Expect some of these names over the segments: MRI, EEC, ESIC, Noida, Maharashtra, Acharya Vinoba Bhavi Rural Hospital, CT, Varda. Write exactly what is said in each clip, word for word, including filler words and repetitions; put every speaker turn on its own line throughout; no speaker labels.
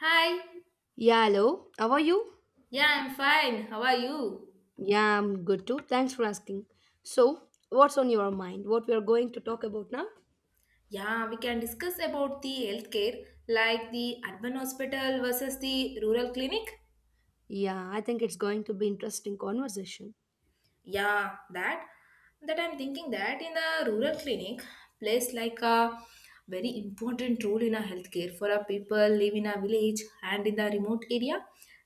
Hi.
Yeah, hello. How are you?
Yeah, I'm fine. How are you?
Yeah, I'm good too. Thanks for asking. So, what's on your mind? What we are going to talk about now?
Yeah, we can discuss about the healthcare like the urban hospital versus the rural clinic.
Yeah, I think it's going to be interesting conversation.
Yeah, that that I'm thinking that in the rural clinic plays like a very important role in a healthcare for a people live in a village and in the remote area.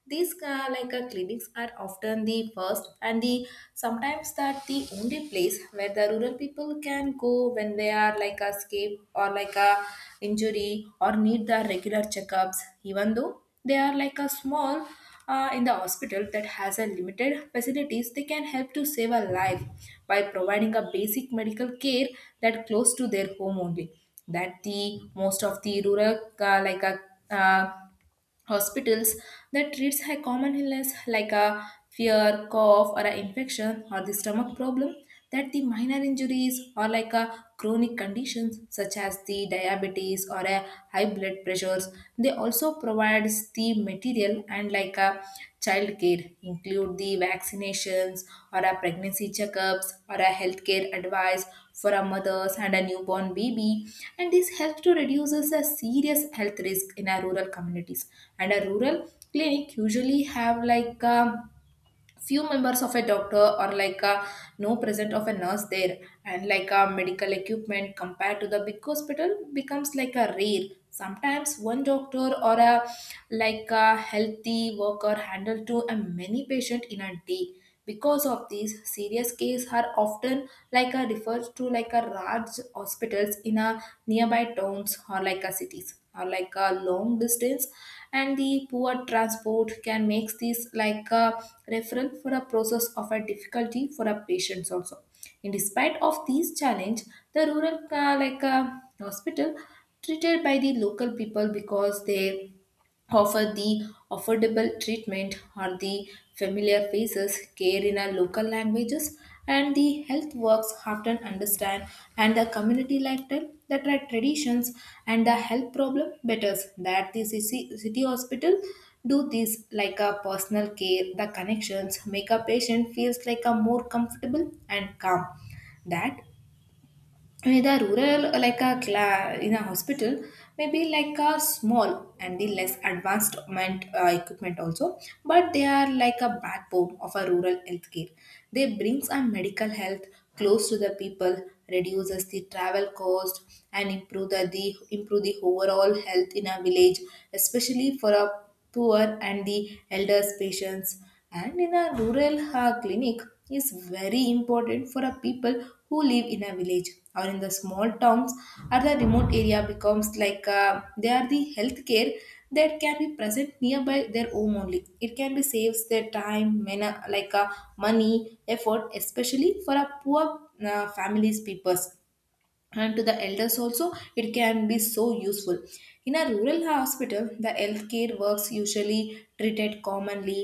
These uh, like uh, clinics are often the first and the sometimes that the only place where the rural people can go when they are like a escape or like a injury or need the regular checkups. Even though they are like a small uh, in the hospital that has a limited facilities they can help to save a life by providing a basic medical care that close to their home only that the most of the rural uh, like a uh, hospitals that treats a common illness like a fever cough or an infection or the stomach problem that the minor injuries or like a chronic conditions such as the diabetes or a high blood pressures. They also provides the material and like like a childcare include the vaccinations or a pregnancy checkups or a healthcare advice for a mothers and a newborn baby, and this helps to reduces a serious health risk in our rural communities. And a rural clinic usually have like a few members of a doctor or like a no present of a nurse there, and like a medical equipment compared to the big hospital becomes like a rare. Sometimes one doctor or a like a healthy worker handle to a many patient in a day because of these serious cases are often like a referred to like a large hospitals in a nearby towns or like a cities or like a long distance, and the poor transport can make this like a referral for a process of a difficulty for a patients also. In despite of these challenge, the rural uh, like uh, hospital treated by the local people because they offer the affordable treatment or the familiar faces, care in our local languages, and the health works often understand and the community lifestyle that are traditions and the health problem betters that the city city hospital do this like a personal care. The connections make a patient feels like a more comfortable and calm that whether rural, uh, like a cla- in a hospital, maybe like a small and the less advanced ment- uh, equipment also, but they are like a backbone of a rural healthcare. They brings a medical health close to the people, reduces the travel cost, and improve the, the improve the overall health in a village, especially for a poor and the elders patients. And in a rural uh, clinic is very important for a people who live in a village or in the small towns or the remote area becomes like uh, they are the healthcare that can be present nearby their home only. It can be saves their time mana like uh, money effort, especially for a poor uh, families peoples, and to the elders also it can be so useful. In a rural hospital the healthcare works usually treated commonly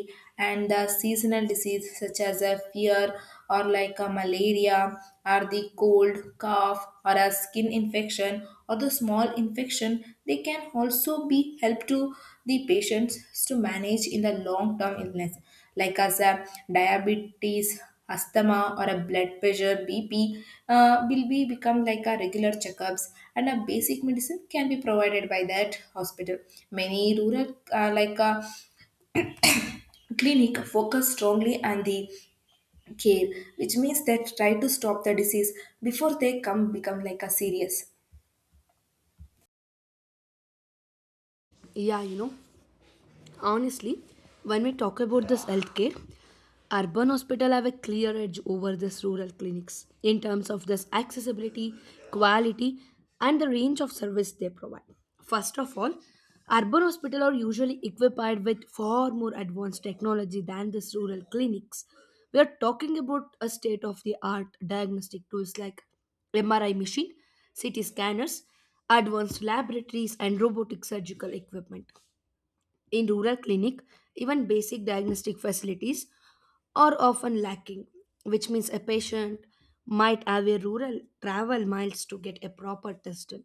and the seasonal disease such as a fever or like a malaria or the cold cough or a skin infection or the small infection. They can also be help to the patients to manage in the long term illness like as a diabetes, asthma or a blood pressure, B P, uh, will be become like a regular checkups, and a basic medicine can be provided by that hospital. Many rural uh, like a clinic focus strongly on the care, which means that try to stop the disease before they come become like a serious.
Yeah. you know. Honestly, when we talk about this healthcare, urban hospital have a clear edge over this rural clinics in terms of this accessibility, quality, and the range of service they provide. First of all, urban hospital are usually equipped with far more advanced technology than this rural clinics. We are talking about a state of the art diagnostic tools like M R I machine, C T scanners, advanced laboratories, and robotic surgical equipment. In rural clinic, even basic diagnostic facilities are often lacking, which means a patient might have a rural travel miles to get a proper test. done.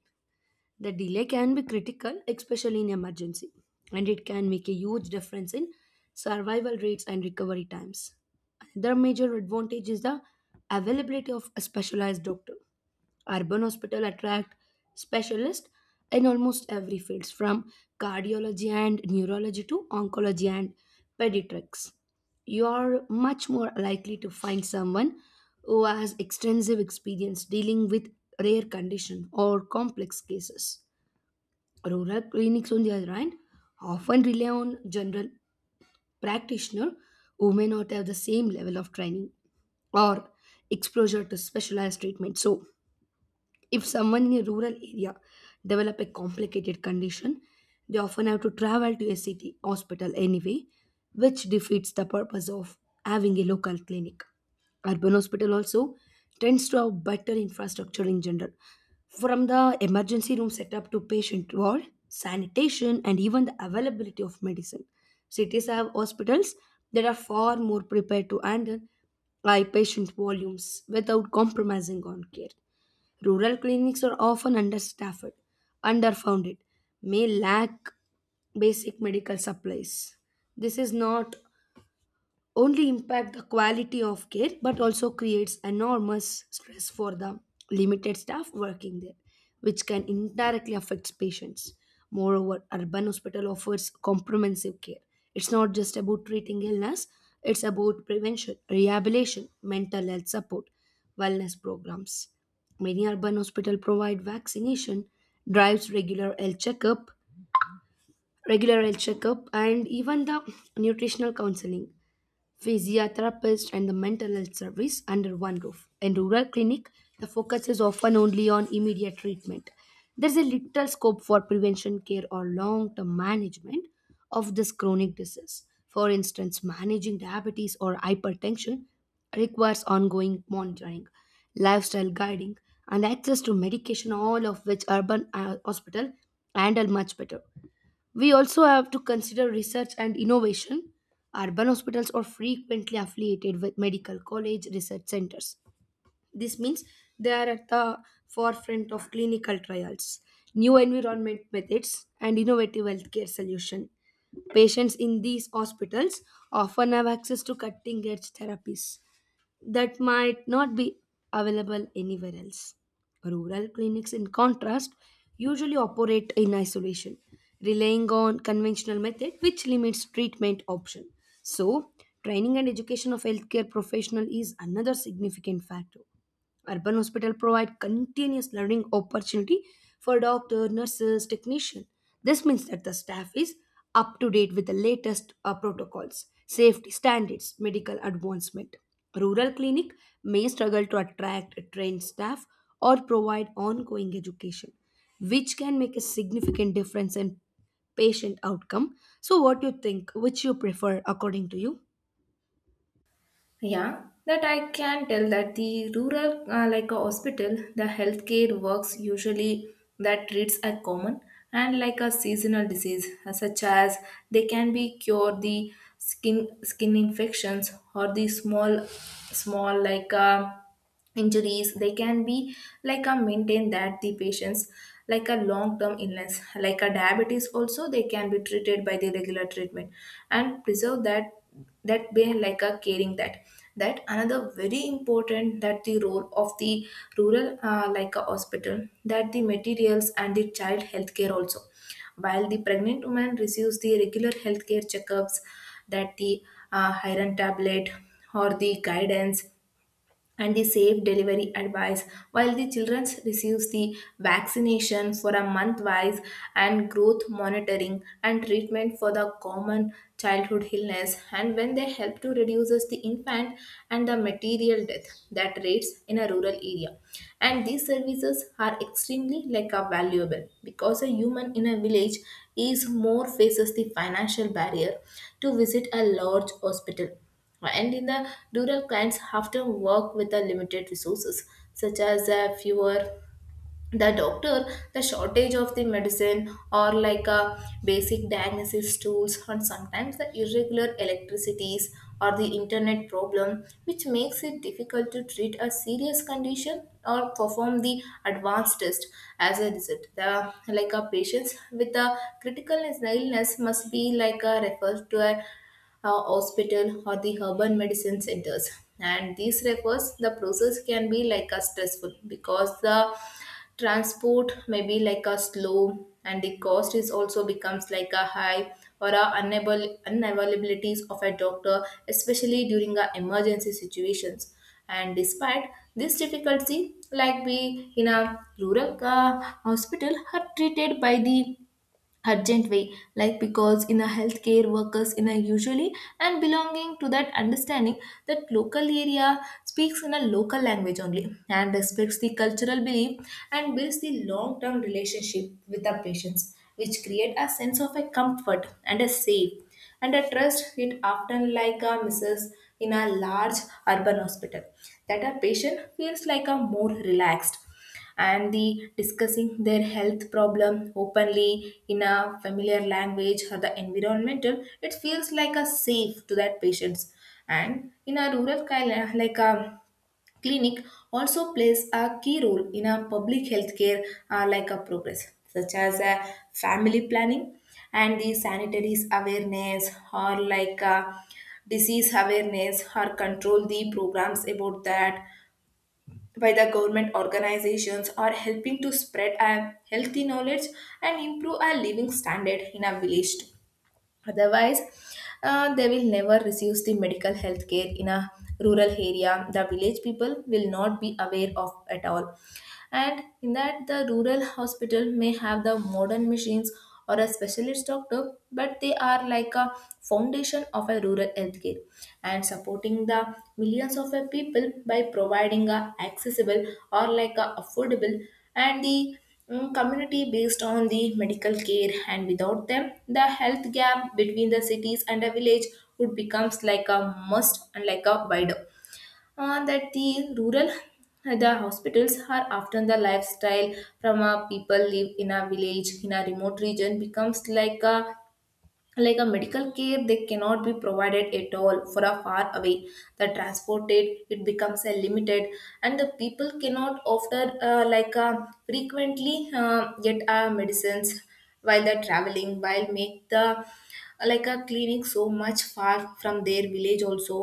The delay can be critical, especially in emergency, and it can make a huge difference in survival rates and recovery times. Another major advantage is the availability of a specialized doctor. Urban hospital attract specialists in almost every field, from cardiology and neurology to oncology and pediatrics. You are much more likely to find someone who has extensive experience dealing with rare condition or complex cases. Rural clinics, on the other hand, often rely on general practitioner who may not have the same level of training or exposure to specialized treatment. So, if someone in a rural area develop a complicated condition, they often have to travel to a city hospital anyway, which defeats the purpose of having a local clinic. Urban hospital also tends to have better infrastructure in general, from the emergency room setup to patient ward, sanitation, and even the availability of medicine. Cities have hospitals that are far more prepared to handle high patient volumes without compromising on care. Rural clinics are often understaffed, underfunded, may lack basic medical supplies. This is not only impact the quality of care but also creates enormous stress for the limited staff working there, which can indirectly affect patients. Moreover, urban hospital offers comprehensive care. It's not just about treating illness, it's about prevention, rehabilitation, mental health support, wellness programs. Many urban hospital provide vaccination drives, regular health checkup, regular health checkup, and even the nutritional counseling, physiotherapist, and the mental health service under one roof. In rural clinic, the focus is often only on immediate treatment. There is a little scope for prevention care or long-term management of this chronic disease. For instance, managing diabetes or hypertension requires ongoing monitoring, lifestyle guiding, and access to medication, all of which urban uh, hospital handle much better. We also have to consider research and innovation. Urban hospitals are frequently affiliated with medical college research centers. This means they are at the forefront of clinical trials, new environment methods, and innovative healthcare solutions. Patients in these hospitals often have access to cutting edge therapies that might not be available anywhere else. Rural clinics, in contrast, usually operate in isolation, relying on conventional method which limits treatment option. So, training and education of healthcare professional is another significant factor. Urban hospital provide continuous learning opportunity for doctor, nurses, technician. This means that the staff is up to date with the latest uh, protocols, safety standards, medical advancement. Rural clinic may struggle to attract trained staff or provide ongoing education, which can make a significant difference in patient outcome. So, what do you think? Which you prefer according to you?
Yeah, that I can tell that the rural, uh, like a hospital, the healthcare works usually that treats a common and like a seasonal disease, uh, such as they can be cure the skin skin infections or the small, small like uh, injuries. They can be like a maintain that the patients like a long term illness like a diabetes also. They can be treated by the regular treatment and preserve that that way like a caring that that another very important that the role of the rural uh, like a hospital, that the materials and the child healthcare also. While the pregnant woman receives the regular healthcare checkups, that the uh, iron tablet or the guidance and the safe delivery advice, while the children receives the vaccination for a month wise and growth monitoring and treatment for the common childhood illness, and when they help to reduces the infant and the material death that rates in a rural area. And these services are extremely like a valuable because a human in a village is more faces the financial barrier to visit a large hospital. And in the rural clients often work with the limited resources, such as uh, fewer the doctor, the shortage of the medicine or like a basic diagnosis tools, and sometimes the irregular electricities or the internet problem, which makes it difficult to treat a serious condition or perform the advanced test. As a result, the like a patients with a critical illness must be like a referred to a uh, hospital or the urban medicine centers, and these refers the process can be like a stressful because the transport may be like a slow and the cost is also becomes like a high, or a unable unavailabilities of a doctor, especially during a emergency situations. And despite this difficulty, like we in a rural uh, hospital are treated by the urgent way, like because in a healthcare workers in a usually and belonging to that understanding that local area, speaks in a local language only and respects the cultural belief and builds the long term relationship with the patients, which create a sense of a comfort and a safe and a trust. It often like a misses in a large urban hospital that a patient feels like a more relaxed and the discussing their health problem openly in a familiar language or the environmental. It feels like a safe to that patients. And in a rural kind like a clinic also plays a key role in a public healthcare uh, like a progress such as a family planning and the sanitaries awareness or like a disease awareness or control the programs about that by the government organizations are helping to spread a healthy knowledge and improve our living standard in our village too. Otherwise, uh, they will never receive the medical health care in a rural area. The village people will not be aware of at all. And in that, the rural hospital may have the modern machines or a specialist doctor, but they are like a foundation of a rural healthcare and supporting the millions of a people by providing a accessible or like a affordable and the Mm, community based on the medical care. And without them the health gap between the cities and the village would becomes like a must and like a wider. Uh, that the rural the hospitals are often the lifestyle from a people live in a village in a remote region becomes like a like a medical care. They cannot be provided at all for a far away, the transported it becomes a limited, and the people cannot offer uh, like a frequently uh, get uh, medicines while they're traveling, while make the like a clinic so much far from their village also.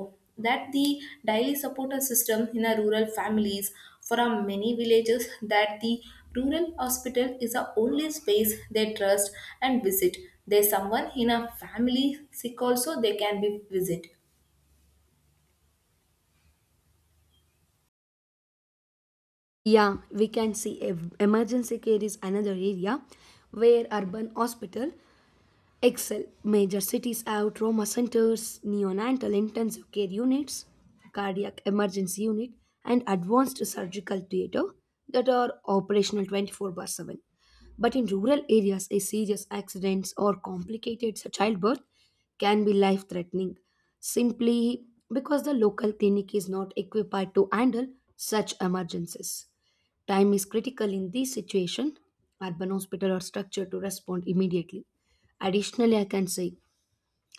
That the daily supporter system in a rural families for a many villages, that the rural hospital is the only space they trust and visit. There's someone in a family sick also they can be visit.
Yeah, we can see ev- emergency care is another area where urban hospital excel. Major cities have trauma centers, neonatal intensive care units, cardiac emergency unit, and advanced surgical theater that are operational twenty-four by seven. But in rural areas, a serious accidents or complicated childbirth can be life threatening simply because the local clinic is not equipped to handle such emergencies. Time is critical in this situation. Urban hospitals are structured to respond immediately. Additionally, I can say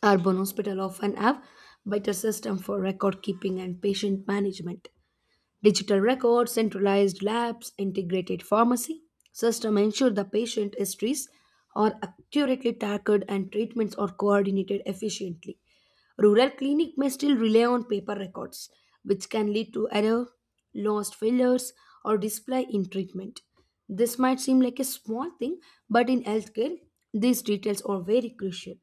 urban hospitals often have better system for record keeping and patient management. Digital records, centralized labs, integrated pharmacy system ensure the patient histories are accurately tracked and treatments are coordinated efficiently. Rural clinic may still rely on paper records, which can lead to error, lost fillers, or display in treatment. This might seem like a small thing, but in healthcare, these details are very crucial.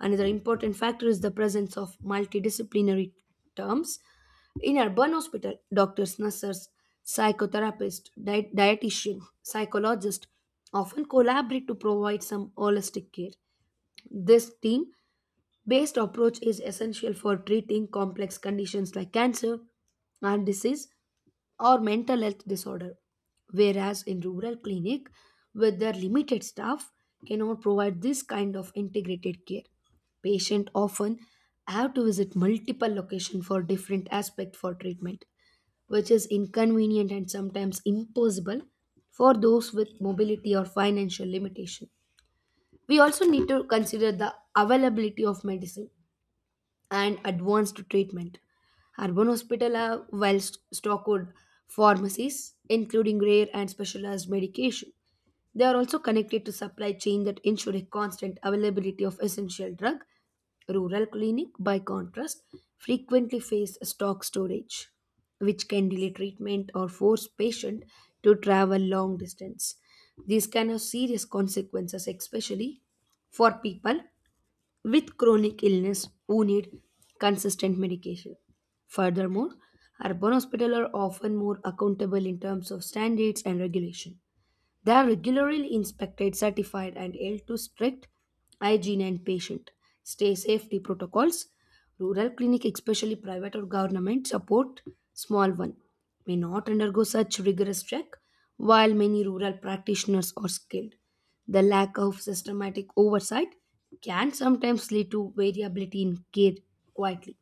Another important factor is the presence of multidisciplinary terms. In urban hospital, doctors, nurses, psychotherapists, diet- dietitian, psychologists often collaborate to provide some holistic care. This team based approach is essential for treating complex conditions like cancer, heart disease, or mental health disorder, whereas in rural clinic, with their limited staff, cannot provide this kind of integrated care. Patient often have to visit multiple locations for different aspects for treatment, which is inconvenient and sometimes impossible for those with mobility or financial limitation. We also need to consider the availability of medicine and advanced treatment. Urban hospitals have well stocked pharmacies, including rare and specialized medication. They are also connected to supply chain that ensure a constant availability of essential drug. Rural clinic, by contrast, frequently face stock storage, which can delay treatment or force patient to travel long distance. These can have serious consequences, especially for people with chronic illness who need consistent medication. Furthermore, urban hospitals are often more accountable in terms of standards and regulation. They are regularly inspected, certified, and held to strict hygiene and patient stay safety protocols. Rural clinic, especially private or government, support small one may not undergo such rigorous check, while many rural practitioners are skilled. The lack of systematic oversight can sometimes lead to variability in care quietly.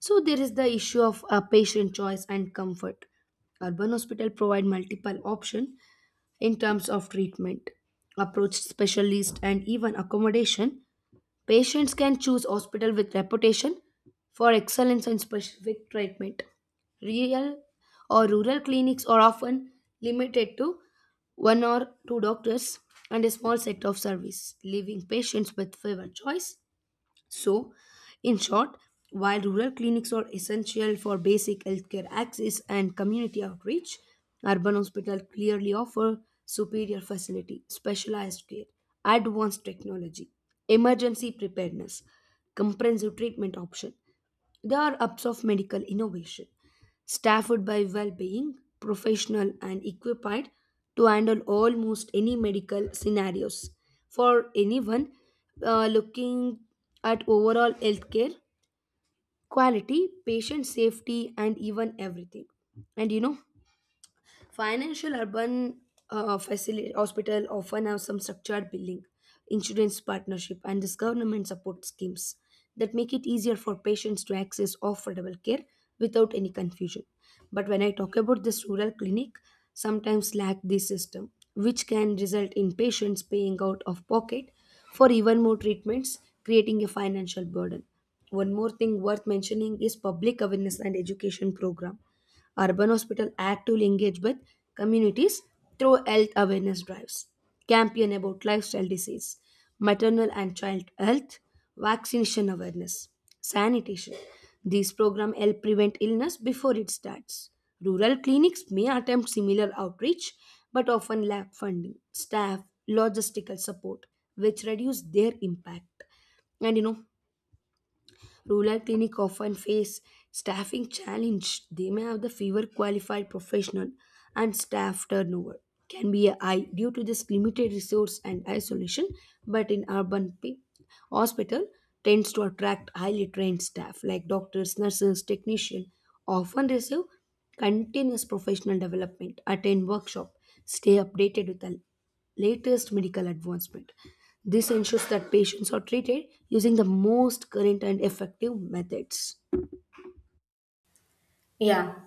So, there is the issue of uh, patient choice and comfort. Urban hospital provide multiple options in terms of treatment, approach specialist, and even accommodation. Patients can choose hospital with reputation for excellence in specific treatment. Real or rural clinics are often limited to one or two doctors and a small set of service, leaving patients with fewer choice. So, in short, while rural clinics are essential for basic healthcare access and community outreach, urban hospitals clearly offer superior facility, specialized care, advanced technology, emergency preparedness, comprehensive treatment option. There are hubs of medical innovation, staffed by well being, professional, and equipped to handle almost any medical scenarios. For anyone uh, looking at overall healthcare, quality, patient safety, and even everything. And you know, financial urban uh, facility hospital often have some structured billing, insurance partnership, and this government support schemes that make it easier for patients to access affordable care without any confusion. But when I talk about this rural clinic, sometimes lack this system, which can result in patients paying out of pocket for even more treatments, creating a financial burden. One more thing worth mentioning is public awareness and education program. Urban hospitals actively engage with communities through health awareness drives, campaign about lifestyle disease, maternal and child health, vaccination awareness, sanitation. These programs help prevent illness before it starts. Rural clinics may attempt similar outreach but often lack funding, staff, logistical support, which reduce their impact. And you know, rural clinics often face staffing challenge. They may have the fewer qualified professional, and staff turnover can be high due to this limited resource and isolation. But in urban p- hospital tends to attract highly trained staff like doctors, nurses, technicians often receive continuous professional development, attend workshop, stay updated with the latest medical advancement. This ensures that patients are treated using the most current and effective methods.
Yeah,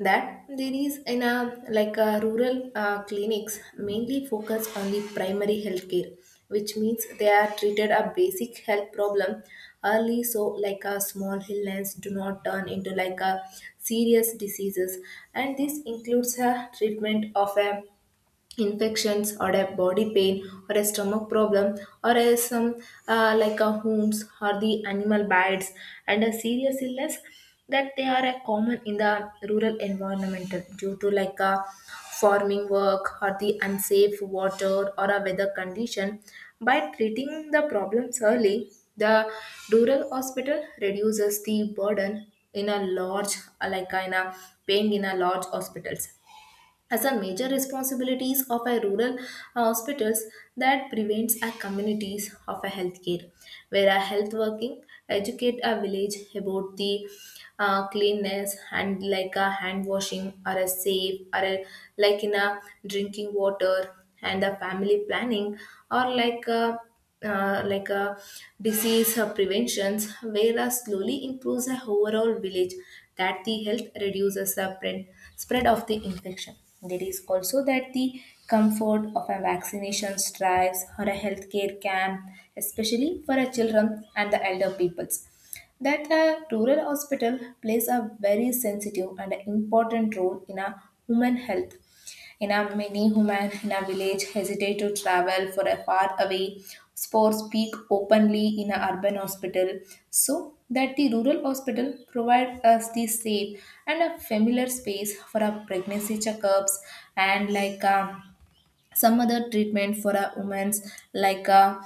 that there is in a like a rural uh, clinics mainly focus on the primary healthcare, which means they are treated a basic health problem early, so like a small illness do not turn into like a serious diseases, and this includes a treatment of a infections or a body pain or a stomach problem or a some uh, like a wounds or the animal bites and a serious illness that they are a common in the rural environment due to like a farming work or the unsafe water or a weather condition. By treating the problems early, the rural hospital reduces the burden in a large uh, like in a paying in a large hospitals as a major responsibilities of a rural uh, hospitals that prevents our communities of a healthcare where a health working educate a village about the uh, cleanness and like a hand washing or a safe or a, like in a drinking water and a family planning or like a uh, like a disease uh, preventions, whereas slowly improves the overall village that the health reduces the spread, spread of the infection. There is also that the comfort of a vaccination drives or a healthcare camp, especially for a children and the elder peoples. That a rural hospital plays a very sensitive and important role in a human health. Enough many women in a village hesitate to travel for a far away or speak openly in an urban hospital. So that the rural hospital provide us the safe and a familiar space for our pregnancy checkups and like um, some other treatment for a woman's like a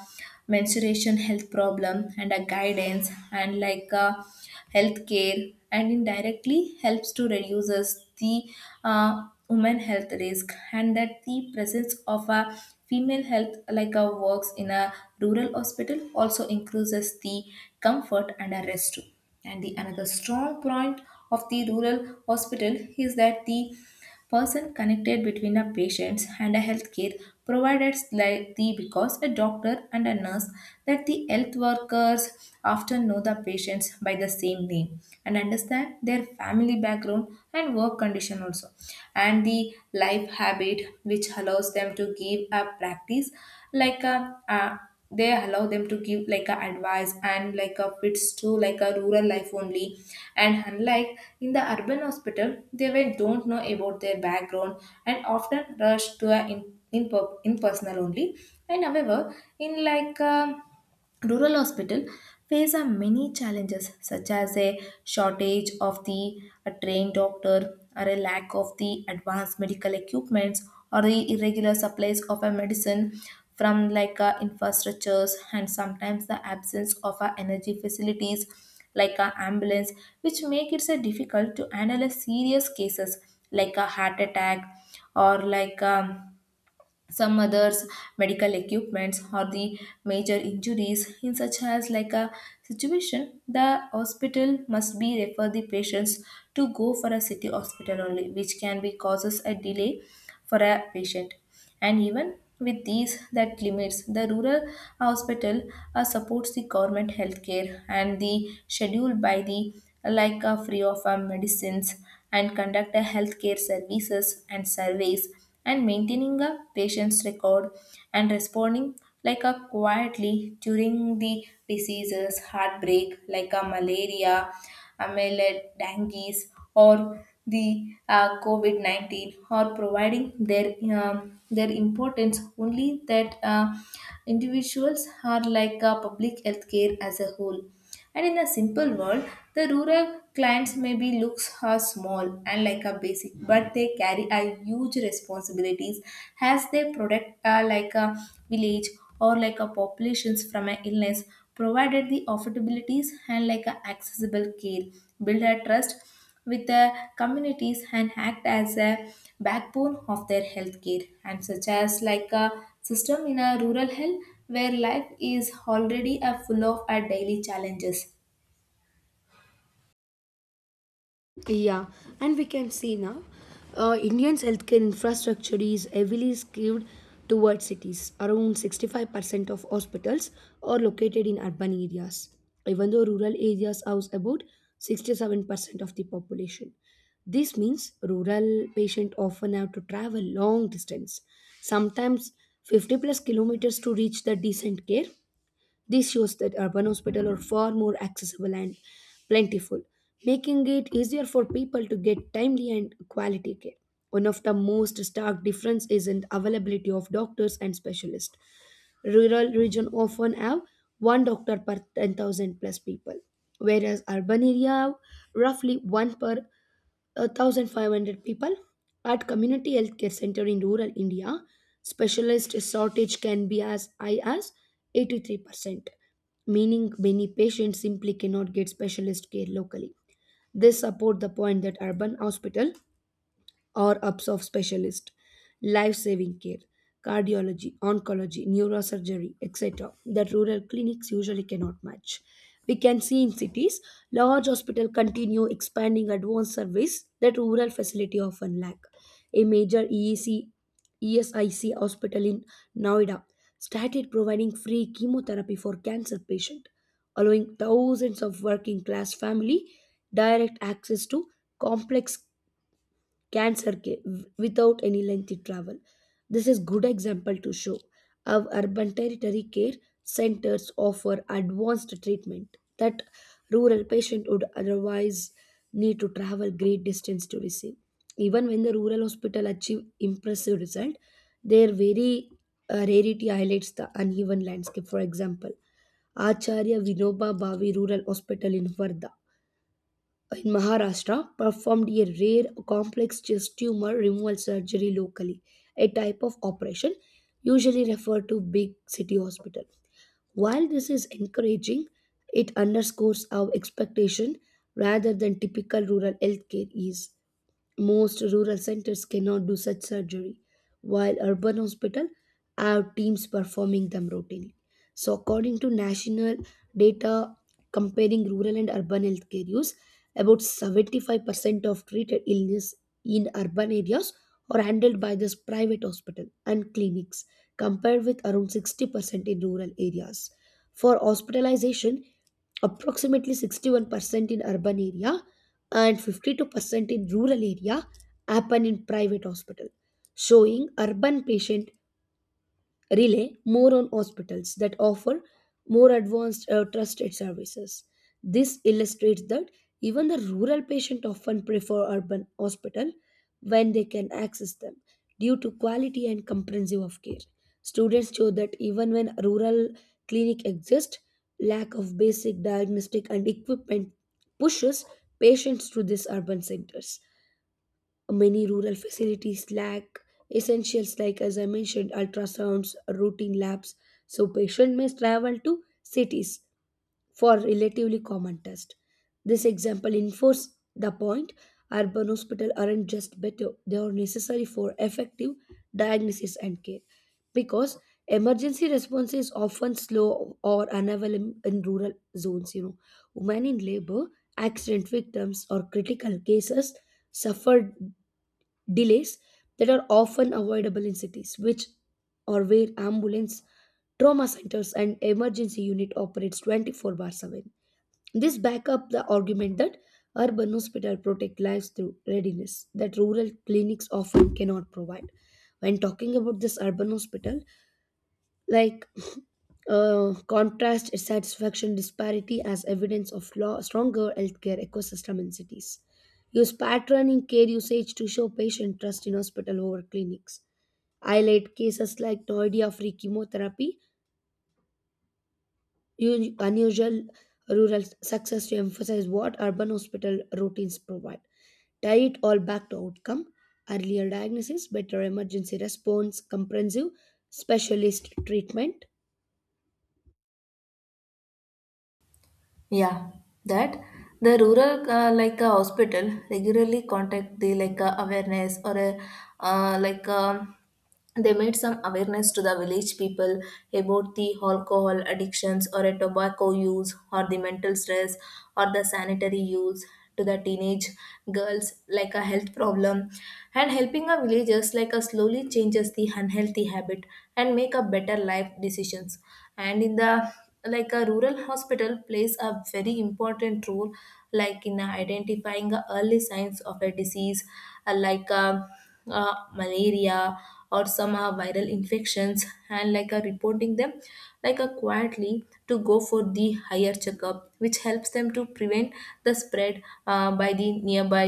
menstruation health problem and a guidance and like a health care and indirectly helps to reduces the uh, woman health risk. And that the presence of a female health like a works in a rural hospital also increases the comfort and a rest too. And the another strong point of the rural hospital is that the person connected between a patient and a healthcare providers like the because a doctor and a nurse that the health workers often know the patients by the same name and understand their family background and work condition also and the life habit which allows them to give a practice like a, a they allow them to give like a advice and like a fits to like a rural life only. And unlike in the urban hospital they will don't know about their background and often rush to a in, in, impersonal only. And however in like um rural hospital face a many challenges such as a shortage of the a trained doctor or a lack of the advanced medical equipments or the irregular supplies of a medicine from like uh, infrastructures, and sometimes the absence of uh, energy facilities like a ambulance which make it so difficult to analyze serious cases like a heart attack or like um, some others medical equipments or the major injuries. In such as like a situation the hospital must be refer the patients to go for a city hospital only, which can be causes a delay for a patient. And even with these that limits the rural hospital uh, supports the government healthcare and the schedule by the like a free of uh, medicines and conduct a healthcare services and surveys and maintaining a patient's record and responding like a quietly during the diseases heartbreak like a malaria, amelie, dengue, or the uh, covid nineteen, or providing their um, their importance only that uh, individuals are like a public health care as a whole. And in a simple world, the rural clients maybe looks are small and like a basic, but they carry a huge responsibilities as they protect uh, like a village or like a populations from an illness, provided the affordabilities and like a accessible care, build a trust with the communities and act as a backbone of their healthcare and such as like a system in a rural health where life is already a full of our daily challenges.
Yeah, and we can see now uh, Indians' healthcare infrastructure is heavily skewed towards cities. Around sixty-five percent of hospitals are located in urban areas, even though rural areas house about sixty-seven percent of the population. This means rural patients often have to travel long distance, sometimes fifty plus kilometers to reach the decent care. This shows that urban hospitals are far more accessible and plentiful, making it easier for people to get timely and quality care. One of the most stark difference is in the availability of doctors and specialists. Rural region often have one doctor per ten thousand plus people, whereas urban area have roughly one per one thousand five hundred people. At community healthcare center in rural India, specialist shortage can be as high as eighty-three percent, meaning many patients simply cannot get specialist care locally. This support the point that urban hospital or ups of specialist, life saving care, cardiology, oncology, neurosurgery, et cetera, that rural clinics usually cannot match. We can see in cities, large hospitals continue expanding advanced service that rural facility often lack. A major E E C, E S I C hospital in Noida started providing free chemotherapy for cancer patients, allowing thousands of working class family direct access to complex cancer ca- without any lengthy travel. This is good example to show how urban territory care centers offer advanced treatment that rural patient would otherwise need to travel great distance to receive. Even when the rural hospital achieve impressive result, their very uh, rarity highlights the uneven landscape. For example, Acharya Vinoba Bhavi Rural Hospital in Varda in Maharashtra performed a rare complex chest tumor removal surgery locally, a type of operation usually referred to big city hospital. While this is encouraging, it underscores our expectation rather than typical rural healthcare is. Most rural centers cannot do such surgery, while urban hospitals have teams performing them routinely. So, according to national data comparing rural and urban healthcare use, about seventy-five percent of treated illness in urban areas are handled by this private hospital and clinics, compared with around sixty percent in rural areas. For hospitalization, approximately sixty-one percent in urban area and fifty-two percent in rural area happen in private hospital, showing urban patient rely more on hospitals that offer more advanced uh, trusted services. This illustrates that even the rural patient often prefer urban hospital when they can access them due to quality and comprehensive of care. Students show that even when rural clinic exist, lack of basic diagnostic and equipment pushes patients to these urban centers. Many rural facilities lack essentials like, as I mentioned, ultrasounds, routine labs, so patient must travel to cities for relatively common tests. This example enforces the point urban hospitals aren't just better, they are necessary for effective diagnosis and care. Because emergency response is often slow or unavailable in rural zones, you know. Women in labor, accident victims, or critical cases suffered delays that are often avoidable in cities which or where ambulance trauma centers and emergency unit operates twenty-four bar seven. This back up the argument that urban hospitals protect lives through readiness that rural clinics often cannot provide. When talking about this urban hospital, like uh, contrast its satisfaction disparity as evidence of law, stronger healthcare ecosystem in cities. Use pattern in care usage to show patient trust in hospital over clinics. Highlight cases like Noida free chemotherapy, un- unusual rural success to emphasize what urban hospital routines provide. Tie it all back to outcome, earlier diagnosis, better emergency response, comprehensive specialist treatment.
Yeah, that the rural uh, like a hospital regularly contact the like uh, awareness or a uh, like um they made some awareness to the village people about the alcohol addictions or a tobacco use or the mental stress or the sanitary use to the teenage girls like a health problem and helping a villagers like a slowly changes the unhealthy habit and make a better life decisions. And in the like a rural hospital plays a very important role like in identifying the early signs of a disease uh, like uh, uh, malaria or some uh, viral infections and like uh, reporting them like uh, quietly to go for the higher checkup which helps them to prevent the spread uh, by the nearby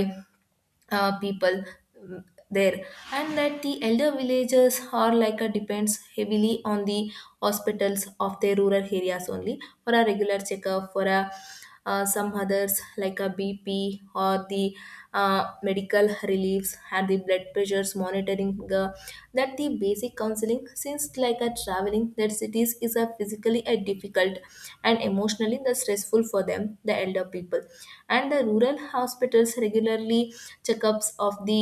uh, people. mm, there. And that the elder villagers are like a depends heavily on the hospitals of their rural areas only for a regular checkup for a uh, some others like a bp or the uh, medical reliefs and the blood pressures monitoring the that the basic counseling since like a traveling that cities is a physically mentally uh, difficult and emotionally the stressful for them the elder people. And the rural hospitals regularly checkups of the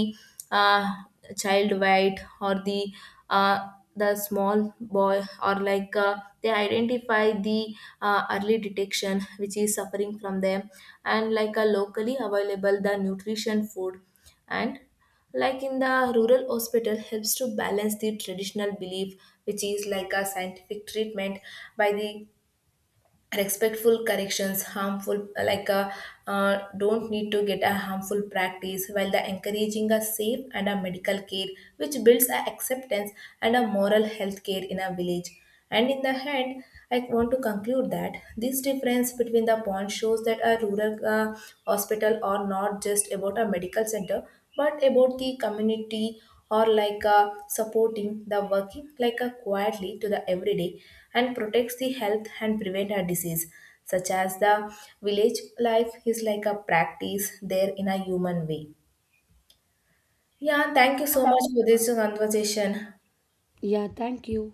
uh, child weight or the uh, the small boy or like uh, they identify the uh, early detection which is suffering from them and like a locally available the nutrition food. And like in the rural hospital helps to balance the traditional belief which is like a scientific treatment by the respectful corrections harmful like a, uh, don't need to get a harmful practice while the encouraging a safe and a medical care which builds a acceptance and a moral health care in a village. And in the end I want to conclude that this difference between the point shows that a rural uh, hospital are not just about a medical center but about the community or like uh, supporting the working like a quietly to the everyday and protects the health and prevent a disease such as the village life is like a practice there in a human way. Yeah, thank you so much for this conversation.
Yeah, thank you.